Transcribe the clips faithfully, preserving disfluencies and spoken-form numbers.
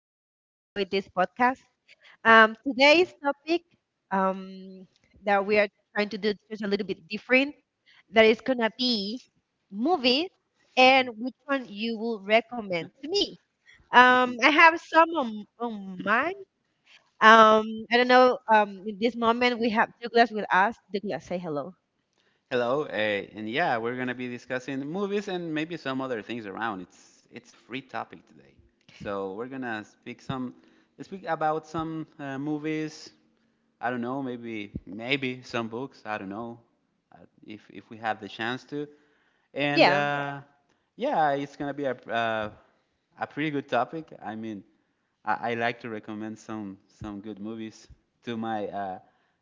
you will enjoy this podcast. Um, today's topic um, that we are trying to do just a little bit different, that is gonna be movies and which one you will recommend to me. Um, I have some on, on mine. Um, I don't know. Um, in this moment, we have Douglas with us. Douglas, say hello. Hello, uh, and yeah, we're gonna be discussing movies and maybe some other things around. It's it's free topic today, so we're gonna speak some speak about some uh, movies. I don't know, maybe maybe some books. I don't know uh, if if we have the chance to. And Yeah, uh, yeah, it's gonna be a uh, a pretty good topic. I mean, I, I like to recommend some some good movies to my uh,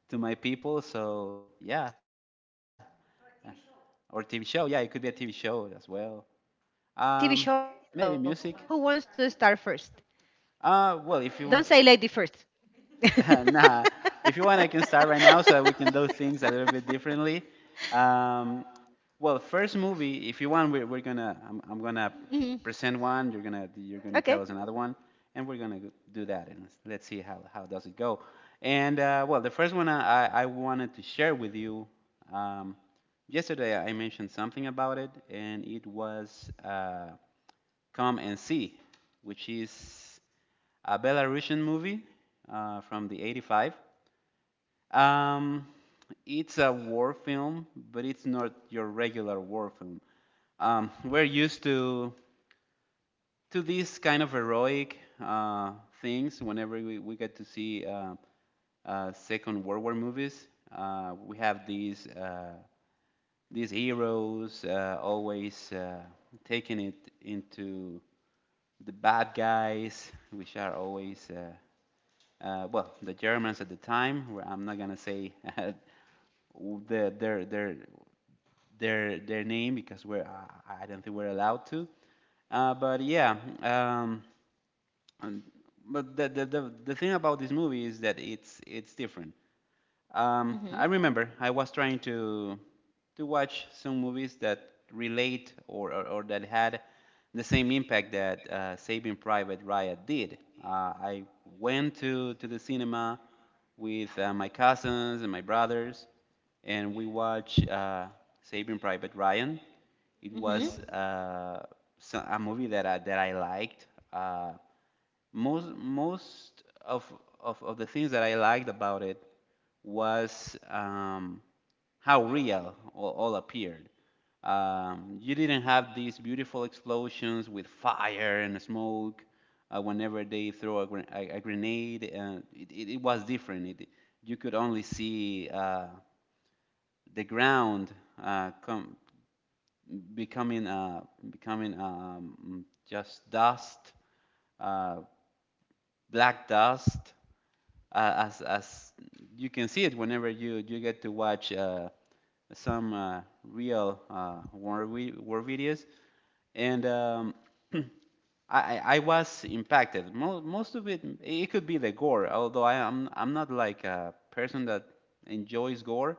to my people. So yeah, or a T V show. or T V show. Yeah, it could be a T V Hmm. show as well. Um, Okay, Maybe so music. who wants to start first? Uh, well, if you Don't want, say lady first. nah, if you want, I can start right now so that we can do things a little bit differently. Um, Well, first movie, if you want, we're, we're gonna I'm, I'm gonna Mhm. present one. You're gonna you're gonna tell us Okay. another one, and we're gonna do that, and let's, let's see how how does it go. And uh, well, the first one I, I wanted to share with you. Um, Yesterday I mentioned something about it, and it was uh, Come and See, which is a Belarusian movie uh, from the 'eighty-five. Um, it's a war film, but it's not your regular war film um, We're used to to these kind of heroic uh, things whenever we, we get to see uh, uh, Second World War movies. Uh, we have these uh, these heroes, uh, always uh, taking it into the bad guys, which are always uh, uh, well, the Germans at the time. Where I'm not gonna say the, their their their their their name because we're I I don't think we're allowed to. Uh, but yeah, um, and, but the, the the the thing about this movie is that it's it's different. Um, I Mm-hmm. remember I was trying to to watch some movies that relate or or, or that had the same impact that uh, Saving Private Ryan did. Uh, I went to to the cinema with uh, my cousins and my brothers, and we watched uh, Saving Private Ryan. It was Hmm. uh, so- a movie that I, that I liked. Uh, Most most of of, of, the things that I liked about it was um, how real all, all appeared. Um, you didn't have these beautiful explosions with fire and smoke uh, whenever they throw a, gren- a, a grenade. Uh, it, it, it was different. It, you could only see uh, the ground uh, com- becoming uh, becoming um, just dust, uh, black dust, uh, as as you can see it whenever you you get to watch uh, some uh, real uh, war vi- war videos, and um, I I was impacted. Mo- most of it, it could be the gore. Although I am I'm not like a person that enjoys gore,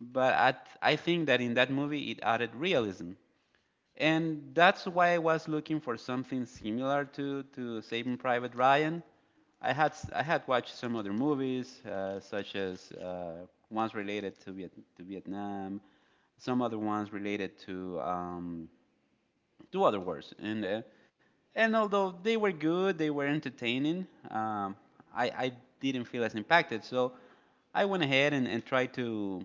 but I I think that in that movie it added realism, and that's why I was looking for something similar to to Saving Private Ryan. I had s- I had watched some other movies, uh, such as uh, ones related to Viet- to Vietnam, some other ones related to um, to other wars, and uh, and although they were good, they were entertaining. Um, I I didn't feel as impacted, so I went ahead and, and tried to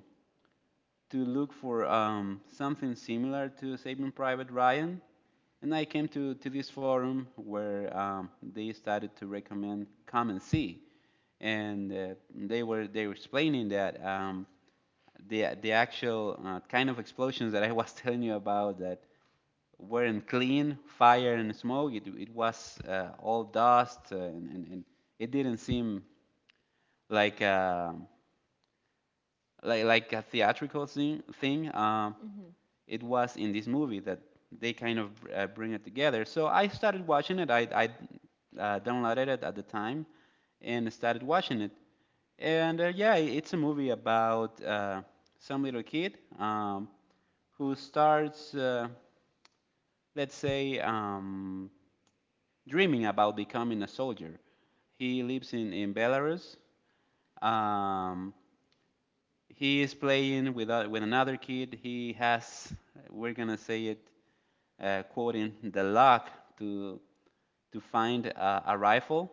to look for um, something similar to Saving Private Ryan, and I came to, to this forum where um, they started to recommend Come and See, and uh, they were they were explaining that um, the the actual uh, kind of explosions that I was telling you about, that weren't clean fire and smoke. It, it was uh, all dust, uh, and, and, and it didn't seem like a, like like a theatrical thing. thing. Uh, it was in this movie that they kind of uh, bring it together. So I started watching it. I, I uh, downloaded it at the time and started watching it. And uh, yeah, it's a movie about uh, some little kid, um, who starts, uh, let's say, um, dreaming about becoming a soldier. He lives in, in Belarus. Um, he is playing with, a- with another kid. He has, we're going to say it, uh, quoting the lock to to find a, a rifle,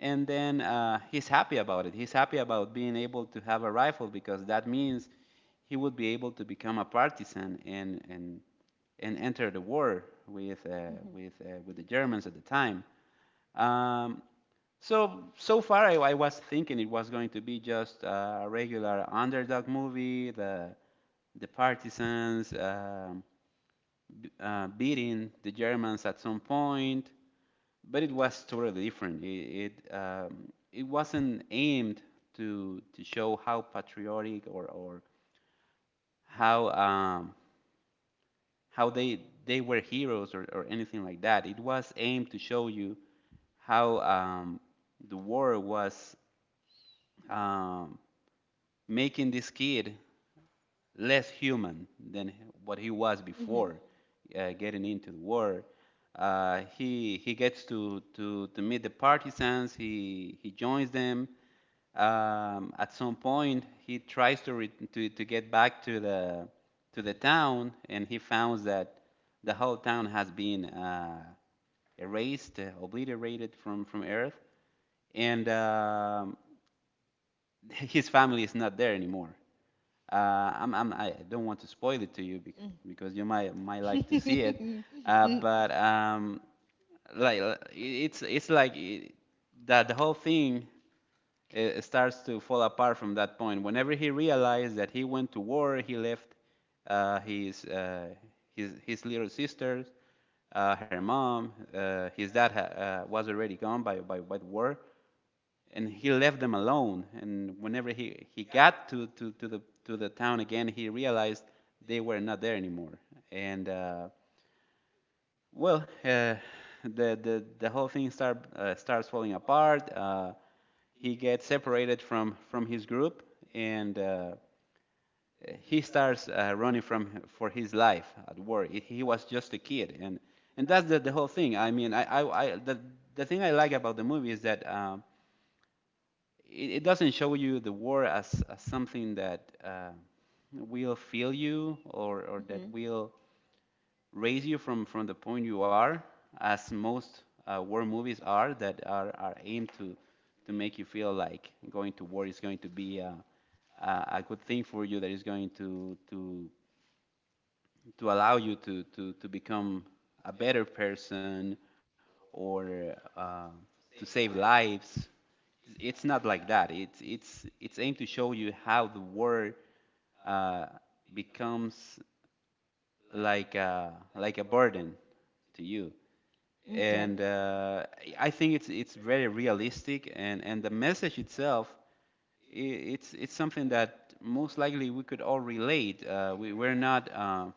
and then uh, he's happy about it. He's happy about being able to have a rifle because that means he would be able to become a partisan and and and enter the war with uh, Hmm. with uh, with the Germans at the time. Um, so so far, I, I was thinking it was going to be just uh, a regular underdog movie, the the partisans um, uh, beating the Germans at some point, but it was totally different. It it, um, it wasn't aimed to to show how patriotic or or how um, how they they were heroes, or, or anything like that. It was aimed to show you how, um, the war was um, making this kid less human than what he was Hmm. before uh, getting into the war. Uh, he he gets to, to, to meet the partisans. He he joins them. Um, at some point, he tries to, re- to to get back to the to the town, and he finds that the whole town has been uh, erased, uh, obliterated from from Earth, and um, his family is not there anymore. Uh, I'm, I'm, I don't want to spoil it to you because, because you might might like to see it. Hmm. Uh, but um, like, uh, it's it's like I that the whole thing uh starts to fall apart from that point. Whenever he realized that he went to war, he left uh, his uh, his his little sisters, uh, her mom, uh, his dad ha- uh, was already gone by by by the war, and he left them alone. And whenever he, he got to, to, to, the, to the town again, he realized they were not there anymore. And uh, well, uh, the, the, the whole thing start, uh, starts falling apart. Uh, he gets separated from, from his group, and uh, he starts uh, running from for his life at war. He- was just a kid, and and that's the, the whole thing. I mean, I I, I the, the thing I like about the movie is that, um, it, it doesn't show you the war as, as something that uh, will feel you, or, or that Hmm. will raise you from, from the point you are, as most uh, war movies are, that are, are aimed to, to make you feel like going to war is going to be a, a, a good thing for you, that is going to, to, to allow you to, to, to become a better person, or uh, to save lives. It's not like that. It's it's it's aimed to show you how the word uh, becomes like a like a burden to you. Okay. And uh, I think it's it's very realistic, and and the message itself, I it's it's something that most likely we could all relate. Uh, we we're not uh,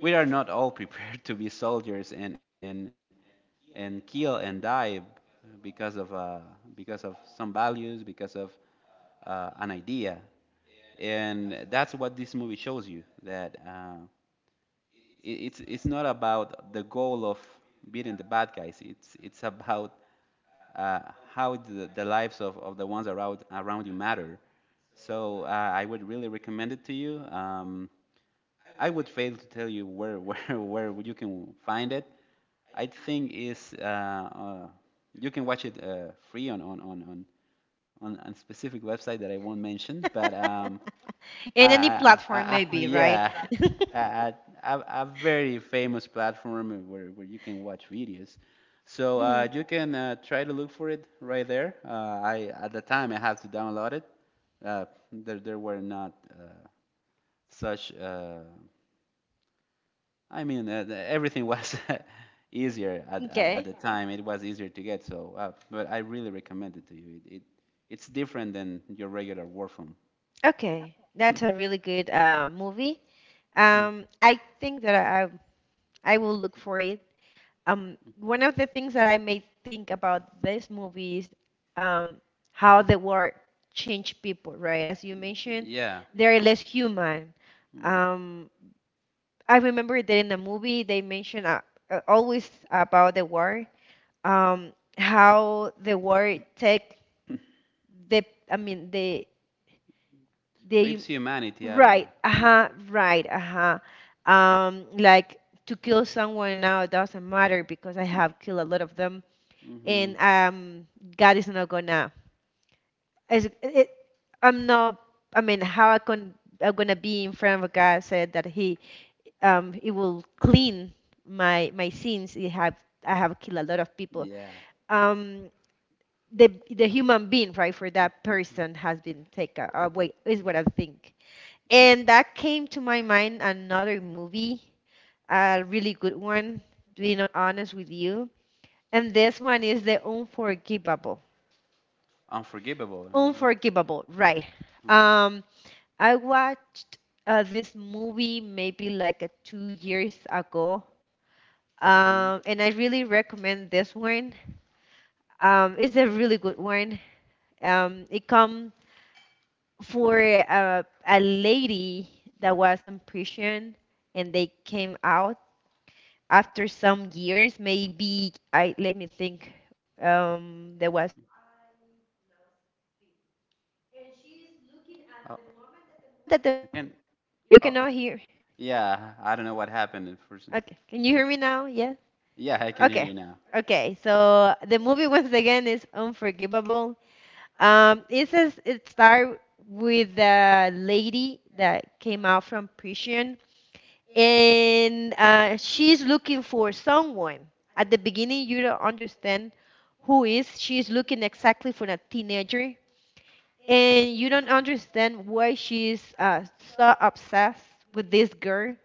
we are not all prepared to be soldiers and and and kill and die because of uh, because of some values, because of uh, an idea, and that's what this movie shows you, that uh, it, it's it's not about the goal of beating the bad guys. It's it's about uh, how the, the lives of, of the ones around around you matter. So uh, I would really recommend it to you. Um, I would fail to tell you where where where you can find it. I think is, uh, uh, you can watch it uh, free on on on on on a specific website that I won't mention, but um, I, In any I, platform, I, I, maybe, right? yeah, a, a, a a very famous platform where where you can watch videos. So uh, Hmm. you can uh, try to look for it right there. Uh, I at the time I had to download it. Uh, there there were not uh, such. Uh, I mean, uh, the- everything was easier at, at at Okay. the time. It was easier to get, so uh, but I really recommend it to you. It, it it's different than your regular war phone. Okay. That's a really good uh, movie. Um, I think that I I will look for it, um, one of the things that I may think about this movie is um, how the war changed people, right? As you mentioned, Yeah. they're less human. Mm. Um, I remember that in the movie they mentioned uh, uh, always about the war, um, how the war take the, I mean the the Rips humanity out of Right, you. uh-huh, right, uh-huh. Um, like to kill someone now doesn't matter because I have killed a lot of them Mm-hmm. and um, God is not gonna. Is, it, I'm not. I mean, how I can I'm gonna be in front of God said that He um He will clean my my sins. He have I have killed a lot of people. Yeah. Um, the the human being right for that Mm-hmm. person has been taken away is what I think. And that came to my mind another movie, a really good one. Being honest with you, and this one is the Unforgivable. Unforgivable. Unforgivable, right. Um, I watched uh, this movie maybe like uh, two years ago, Mm-hmm. um, and I really recommend this one. Um, it's a really good one. Um, it come for a, a lady that was in prison, and they came out after some years. Maybe I let me think. Um, there was five, now sixteen and she is looking Oh, at the moment that the movie I can't. You Oh, cannot hear. yeah. I don't know what happened at first. Okay. Can you hear me now? Yes. Yeah, I can hear Okay. you now. Okay. So the movie once again is unforgivable. Um, it says it starts with the lady that came out from prison, and uh, she's looking for someone. At the beginning, you don't understand who is. She's looking exactly for a teenager, and you don't understand why she's uh, so obsessed with this girl.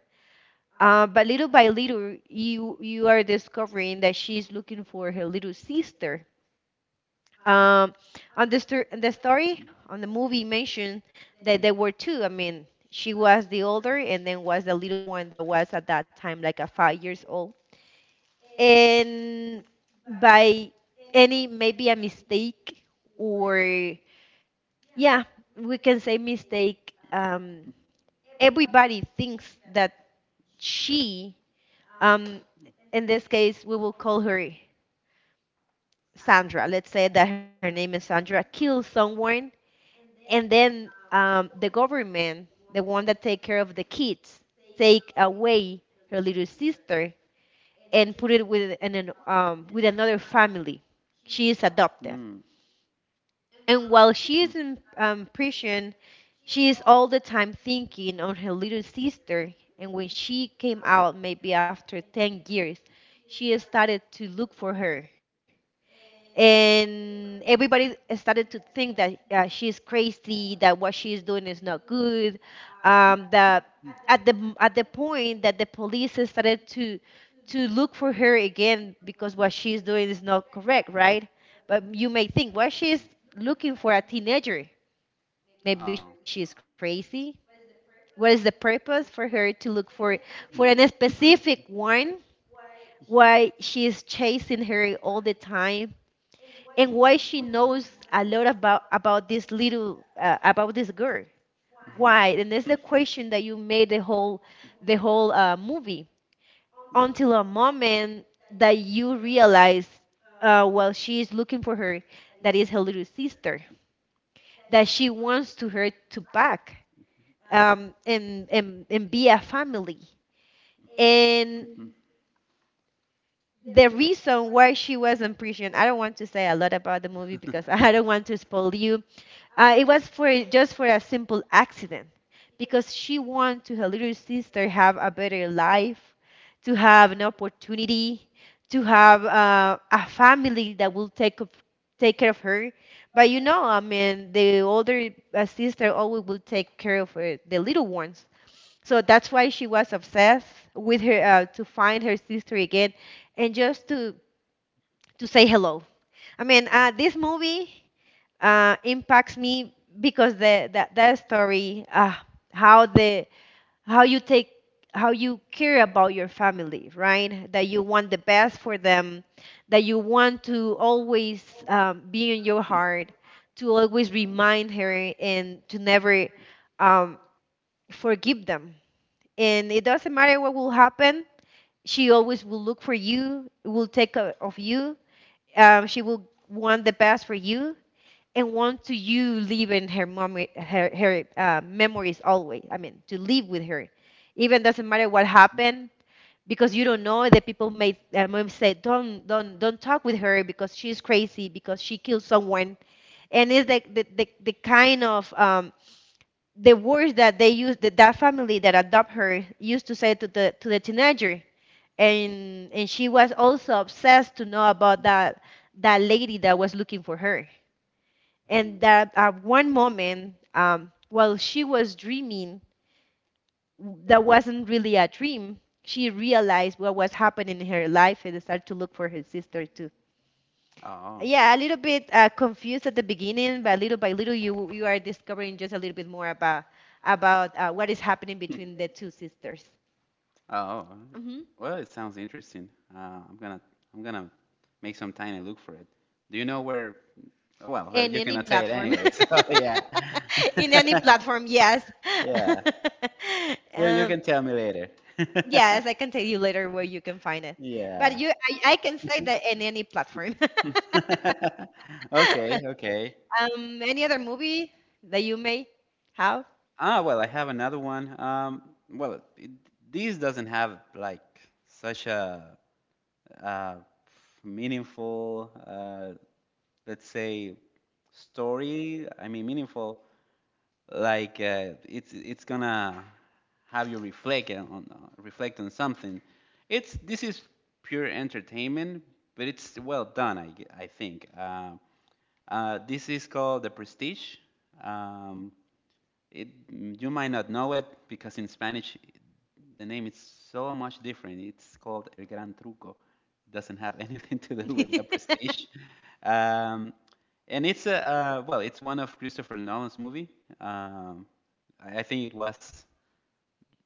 Uh, but little by little, you you are discovering that she's looking for her little sister. Um, on the stor- the story on the movie mentioned that there were two. I mean, she was the older, and then was the little one that was at that time like a five years old. And by any maybe a mistake or yeah, we can say mistake. Um, everybody thinks that she Um, in this case, we will call her Sandra. Let's say that her name is Sandra. Kills someone, and then um, the government, the one that take care of the kids, take away her little sister and put it with an, an um, with another family. She is Mm. Mm. adopted, Mm. and while she is in um, prison, she is all the time thinking on her little sister. And when she came out, maybe after ten years, she started to look for her and everybody started to think that uh, she's crazy, that what she is doing is not good, um, that at the at the point that the police started to to look for her again because what she's doing is not correct, right? But you may think, well, she's looking for a teenager, Oh. maybe she's crazy, what is the purpose for her to look for for a specific one, why she's chasing her all the time and why she knows a lot about about this little uh, about this girl, why? And that's Mm. the question that you made the whole the whole uh, movie until a moment that you realize, uh, while she is looking for her, that is her little sister that she wants to her to back, um, and, and and be a family. And Mhm. Mhm. the reason why she was in prison, I don't want to say a lot about the Mhm. movie Mhm. because I don't want to spoil you. Uh, it was for just for a simple accident because she wanted to her little sister have a better life, to have an opportunity, to have uh, a family that will take of, take care of her. But you know, I mean, the older uh, sister always will take care of uh, the little ones. So that's why she was obsessed with her, uh, to find her sister again and just to to say hello. I mean, uh, this movie uh, impacts me because the that, that story, uh, how the how you take how you care about your family, right? That you want the best for them, that you want to always um, be in your heart, to always remind her, and to never um, forgive them, and it doesn't matter what will happen, she always will look for you, will take care of you, um, she will want the best for you and want to you live in her mom her, her uh, memories always. I mean, to live with her, even doesn't matter what happened, because you don't know. The people may uh, may say, don't don't don't talk with her because she's crazy because she killed someone. And it's like the the, the kind of um, the words that they use, that that family that adopt her used to say to the to the teenager. And and she was also obsessed to know about that that lady that was looking for her. Mhm. And that at one moment, um, while she was dreaming, that wasn't really a dream, she realized what was happening in her life and started to look for her sister too. Oh. Yeah, a little bit uh, confused at the beginning, but little by little, you you are discovering just a little bit more about about uh, what is happening between the two sisters. Mm. Oh, Hmm. well, it sounds interesting. Uh, I'm gonna I'm gonna make some time and look for it. Do you know where Well, well, In you any cannot say it platform. anyway, so yeah, In any platform, yes. yeah. You you um, can tell me later. Yes, I can tell you later where you can find it. Yeah. But you, I, I can say that in any platform. Okay, okay. Um, any other movie that you may have? Ah, well, I have another one. Um, well, it, these doesn't have like such a uh, meaningful, uh, let's say, story. I mean, meaningful. like uh, it's it's gonna have you reflect on on- reflect on something. It's this is pure entertainment, but it's well done, I I think. Uh, uh, this is called The Prestige. Um, it you might not know it because in Spanish the name is so much different. It's called El Gran Truco. It doesn't have anything to do with The Hmm. Prestige. Um, and it's a uh, well, it's one of Christopher Nolan's movie. Um, I think it was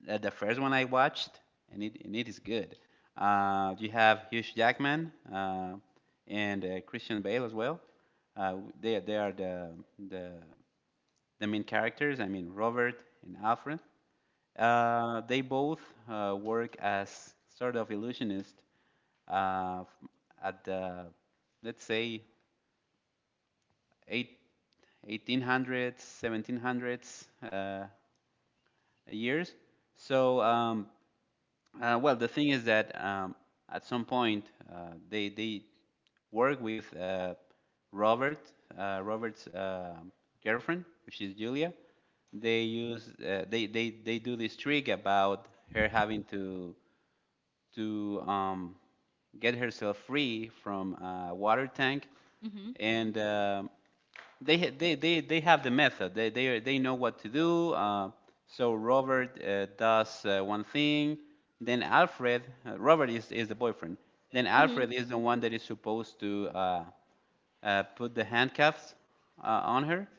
uh, the first one I watched, and it and it is good. Uh, you have Hugh Jackman uh, and uh, Christian Bale as well. Uh, they they are the the the main characters, I mean Robert and Alfred. Uh, they both uh, work as sort of illusionist uh, at the, let's say, eight, eighteen hundreds, seventeen hundreds uh, years. So um, Uh, well, the thing is that um, at some point uh, they they work with uh, Robert, uh, Robert's uh, girlfriend, which is Julia. They use uh, they, they they do this trick about her having to to um, get herself free from a water tank, and um, they they they they have the method. They they are- they know what to do. Uh, so Robert uh, does uh, one thing, then Alfred. Uh, Robert is is the boyfriend. Then Hmm. Alfred Hmm. is the one that is supposed to uh, uh, put the handcuffs uh, on her,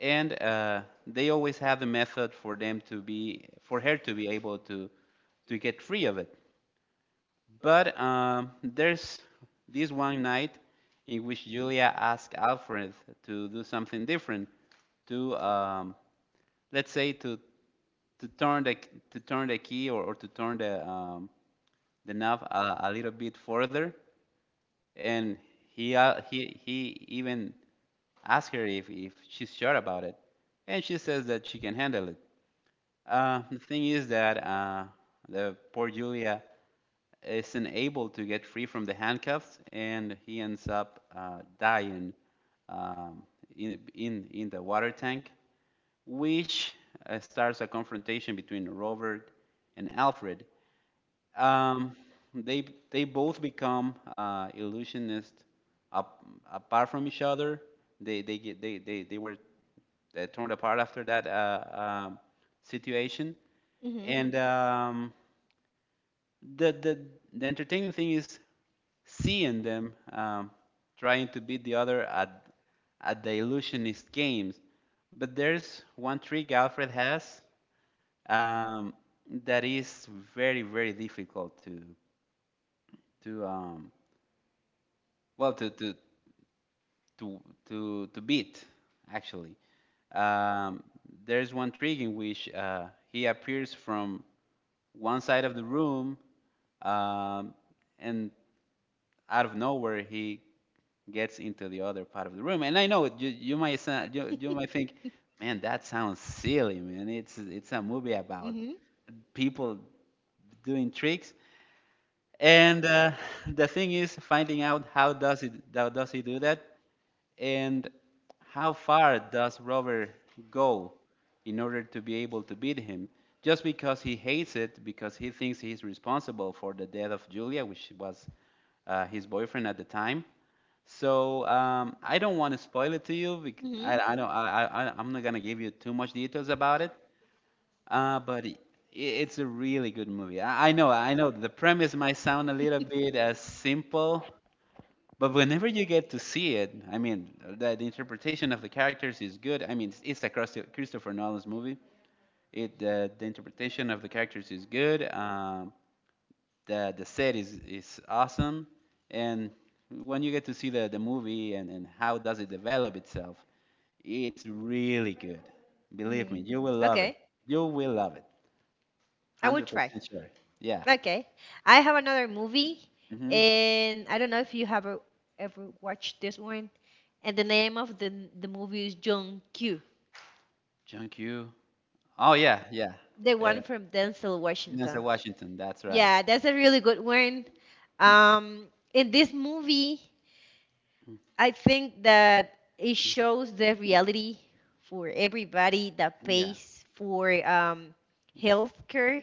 and uh, they always have the method for them to be for her to be able to to get free of it. But um, there's this one night in which Julia asked Alfred to do something different, to um, let's say to to turn the to turn the key, or or to turn the um, the knob a, a little bit further, and he uh, he he even asked her if if she's sure about it, and she says that she can handle it. Uh, the thing is that uh, the poor Julia isn't able to get free from the handcuffs, and he ends up uh, dying um, in, in, in the water tank, which uh, starts a confrontation between Robert and Alfred. Um, they, they both become uh, illusionists ap- apart from each other. They, they, get, they, they, they were uh, torn apart after that uh, um situation. Hmm. And um, the the, the entertaining thing is seeing them um, trying to beat the other at at the illusionist games. But there's one trick Alfred has um, that is very very difficult to to um, well to to to to, to beat, actually. Um, there's one trick in which uh, he appears from one side of the room, um, and out of nowhere he gets into the other part of the room. And I know you, you might sound, you, you might think, man, that sounds silly, man. It's it's a movie about people doing tricks. And uh, the thing is finding out how does it how does he do that, and how far does Robert go in order to be able to beat him. Just because he hates it, because he thinks he's responsible for the death of Julia, which was uh, his boyfriend at the time. So um, I don't want to spoil it to you. Because Hmm. I, I don't. I, I, I- I'm not gonna give you too much details about it. Uh, but I it's a really good movie. I, I know. I know the premise might sound a little bit uh, simple, but whenever you get to see it, I mean, the, the interpretation of the characters is good. I mean, it's, it's a Christo- Christopher Nolan's movie. It uh, the interpretation of the characters is good. Um, the the set is is awesome, and when you get to see the the movie and and how does it develop itself, it's really good. Believe me, Mm. you will love it. Okay, You will love it. I will Hundred try. percent sure. Yeah. Okay. I have another movie, Mm-hmm. and I don't know if you have ever ever watched this one. And the name of the the movie is John Q, John Q. Oh, yeah, yeah. the Uh, one from Denzel Washington. Denzel Washington. That's right. Yeah, that's a really good one. Um, in this movie, I think that it shows the reality for everybody that Yeah. pays for um, healthcare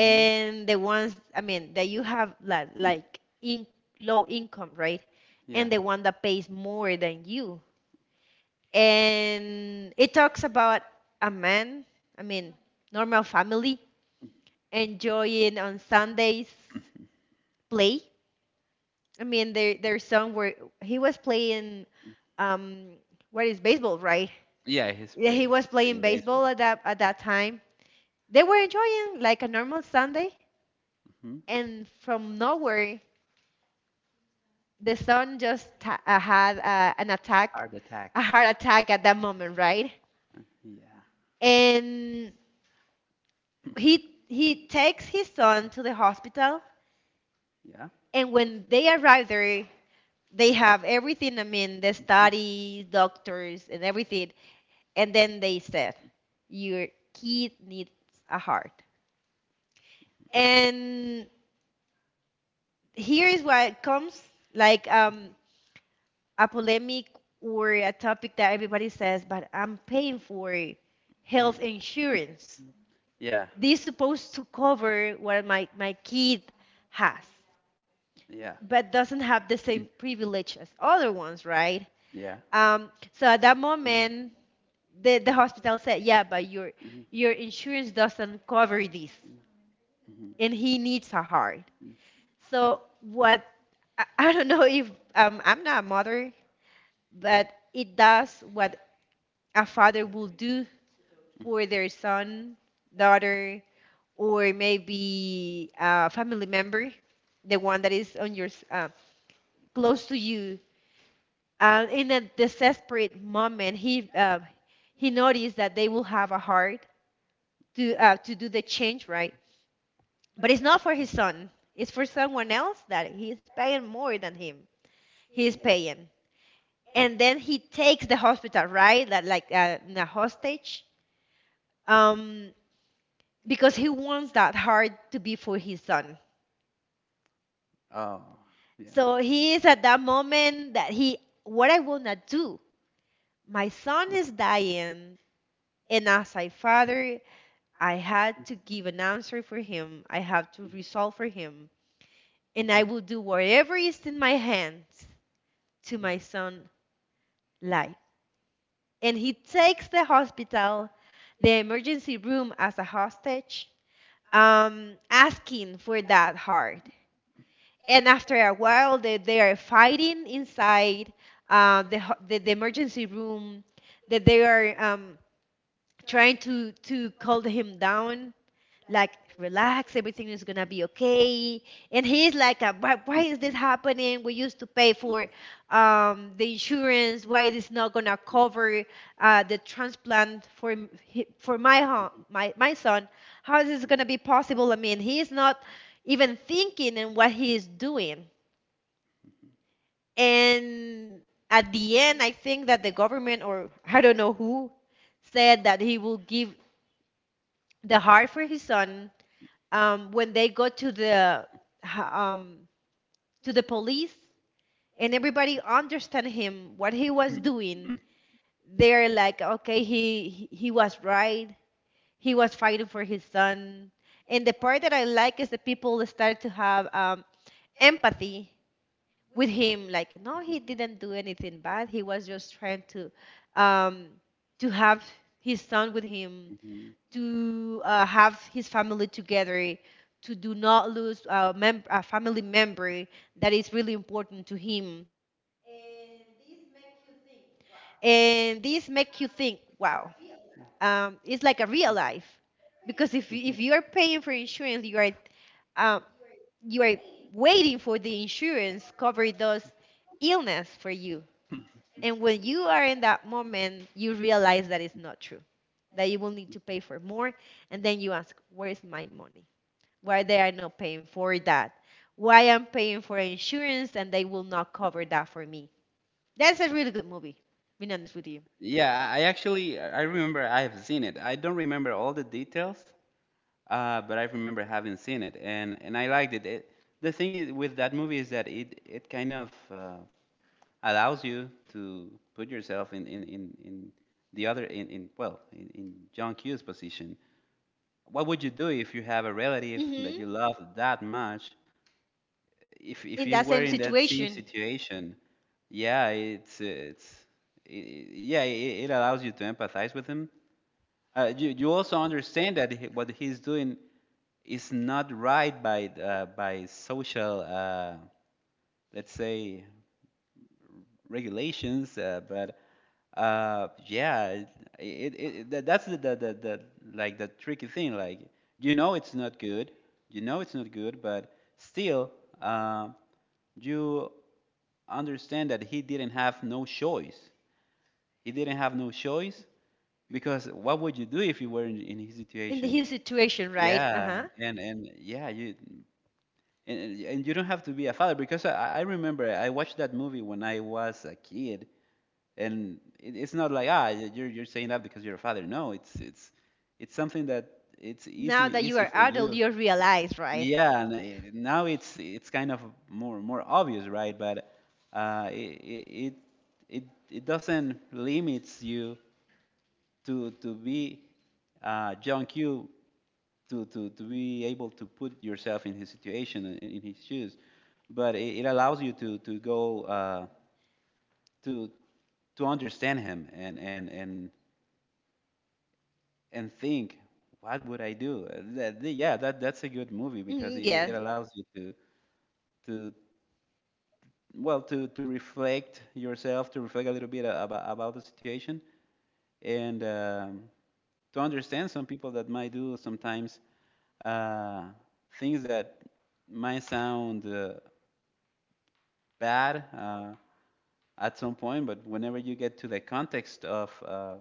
Hmm. the ones, I mean, that you have like like in low income, right? Yeah. And the one that pays more than you. And it talks about a man, I mean, normal family enjoying on Sundays play. I mean, their their son were he was playing um what is baseball, right? Yeah, he's Yeah, he play, was playing playing baseball baseball. at that at that time. They were enjoying like a normal Sunday, Hmm. and from nowhere the son just ta- uh, had uh, an attack, Heart attack. a heart attack at that moment, right? Yeah. And he he takes his son to the hospital, Yeah. and when they arrive there, they have everything. I mean, the studies, doctors, and everything. And then they said, "Your kid needs a heart." And here is what comes like um a polemic or a topic that everybody says, but I'm paying for Mhm. health insurance. Yeah. This is supposed to cover what my, my kid has, Yeah. but doesn't have the same privilege as other ones, right? Yeah. Um, so at that Mm-hmm. moment, the, the hospital said, yeah, but your, Mm-hmm. your insurance doesn't cover this, Mm-hmm. and he needs a heart. So what, I, I don't know if um, I'm not a mother, but it does what a father will do for their son, daughter, or maybe a family member, the one that is on your s- uh, close to you. And in a desperate moment, he uh, he noticed that they will have a heart to uh, to do the change, right? But it's not for his son. It's for someone else that he is paying more than him. He is paying, and then he takes the hospital, right, like like uh, in a hostage. Um, because he wants that heart to be for his son. Oh, yeah. So he is at that moment that he, what I will not do. My son is dying, and as I father, I had to give an answer for him. I have to resolve for him, and I will do whatever is in my hands to my son' life. And he takes the hospital, the emergency room as a hostage, um, asking for that heart. And after a while, they, they are fighting inside uh, the, ho- the, the emergency room, that they are um, trying to, to calm him down, like, relax, everything is going to be okay. And he's like, uh, why, why is this Mhm, happening? We used to pay mhm, for um, the insurance. Why is this not going to mhm, mhm, cover mhm, uh, the transplant mhm, for, m- he- for my, ho- my, my son? How is this going to be possible? I mean, he is not even thinking in what he is doing. And at the end, I think that the government, or I don't know who, said that he will give the heart for his son um, when they go to the um, to the police and everybody understand him what he was doing. They're like, okay, he he he was right. He was fighting for his son. And the part that I like is the people start to have um, empathy with him, like no he didn't do anything bad, he was just trying to um to have his son with him, mhm, to uh, have his family together, to do not lose a, mem- a family member that is really important to him. And this make you think, wow, um it's like a real life, mhm, mhm, mhm, mhm, because mhm, mhm. if you, if you are paying for insurance you are um you are waiting for the insurance cover those illness for you. And when you are in that moment, you realize that it's not true, that you will need to pay for more. And then you ask, where's my money? Why they are not paying for that? Why I'm paying for insurance and they will not cover that for me? That's a really good movie, being honest with you. Yeah, I actually I I remember I have seen it. I don't remember all the details, uh, but I remember having seen it, and and I liked it. It the thing is, with that movie, is that it it kind of uh, allows you to put yourself in in in, in the other, in, in, well, in, in John Q's position. What would you do if you have a relative that Hmm. you love that much? If In if you that same were in that same situation, situation, yeah, it's it's i i- yeah, it, it allows you to empathize with him. Uh, you, you also understand that he, what he's doing is not right by uh, by social, uh, let's say, regulations. Uh, but uh, yeah, it, it, it that's the, the, the, the like the tricky thing. Like you know it's not good, you know it's not good, but still uh, you understand that he didn't have no choice. He didn't have no choice. Because what would you do if you were in, in his in situation? his situation, right? Yeah, Uh-huh. and and yeah, you and and and you don't have to be a father because I, I remember I watched that movie when I was a kid, and it, it's not like ah y- you're you're saying that because you're a father. No, it's it's it's something that it's easy Now that you easy are for adult, you. you realize, right? Yeah, and it now it's it's kind of more more obvious, right? But uh, it it it it it doesn't limits you to to be uh, John Q, to, to to be able to put yourself in his situation and in his shoes, but it, it allows you to to go uh, to to understand him, and and and and think, what would I do? Uh, That, yeah, that that's a good movie because it, Hmm. it Yeah. Yes. allows you to to well to to reflect yourself, to reflect a little bit uh, about about the situation, and um, to understand some people that might do sometimes uh, things that might sound uh, bad uh, at some point, but whenever you get to the context of uh,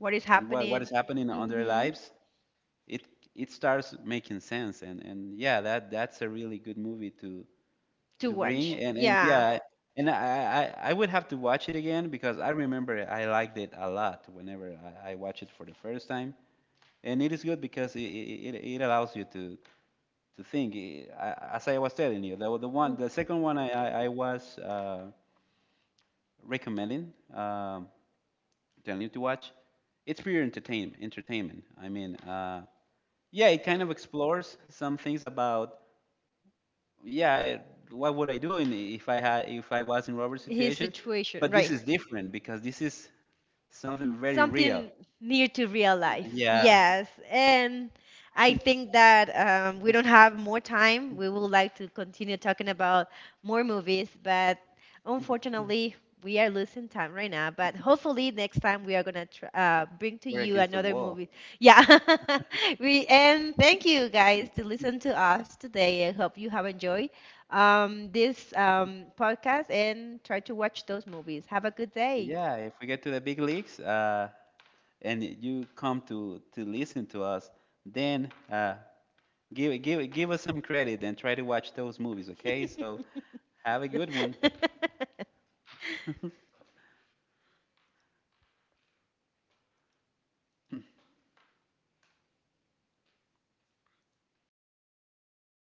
What is what, what is happening? happening on their Hmm. lives, it it starts making sense. And, and yeah, that that's a really good movie to To to bring. watch. And and Yeah. yeah, and I, I I would have to watch it again because I remember I liked it a lot whenever I, I watched it for the first time. And it is good because it, it, it allows you to to think. As I was telling you, the, the one, Mm. the second one I I, I was uh, recommending, um, telling you to watch, it's pure entertainment. Entertainment. I mean, uh, yeah, it kind of explores some things about, yeah, what would I do in, if I had if I was in Robert's His situation, situation, but right. this is different because this is something very real. Something near to real life. Yes. Yeah, Yes, and I think that um, we don't have more time. We would like to continue talking about more movies, but unfortunately, we are losing time right now. But hopefully, next time we are gonna tr uh, bring to we're you against the another wall. movie. Yeah, we and thank you guys to listen to us today. I hope you have enjoyed um, this um, podcast and try to watch those movies. Have a good day. Yeah, if we get to the big leagues, uh, and you come to to listen to us, then uh, give give give us some credit and try to watch those movies, okay? So have a good one.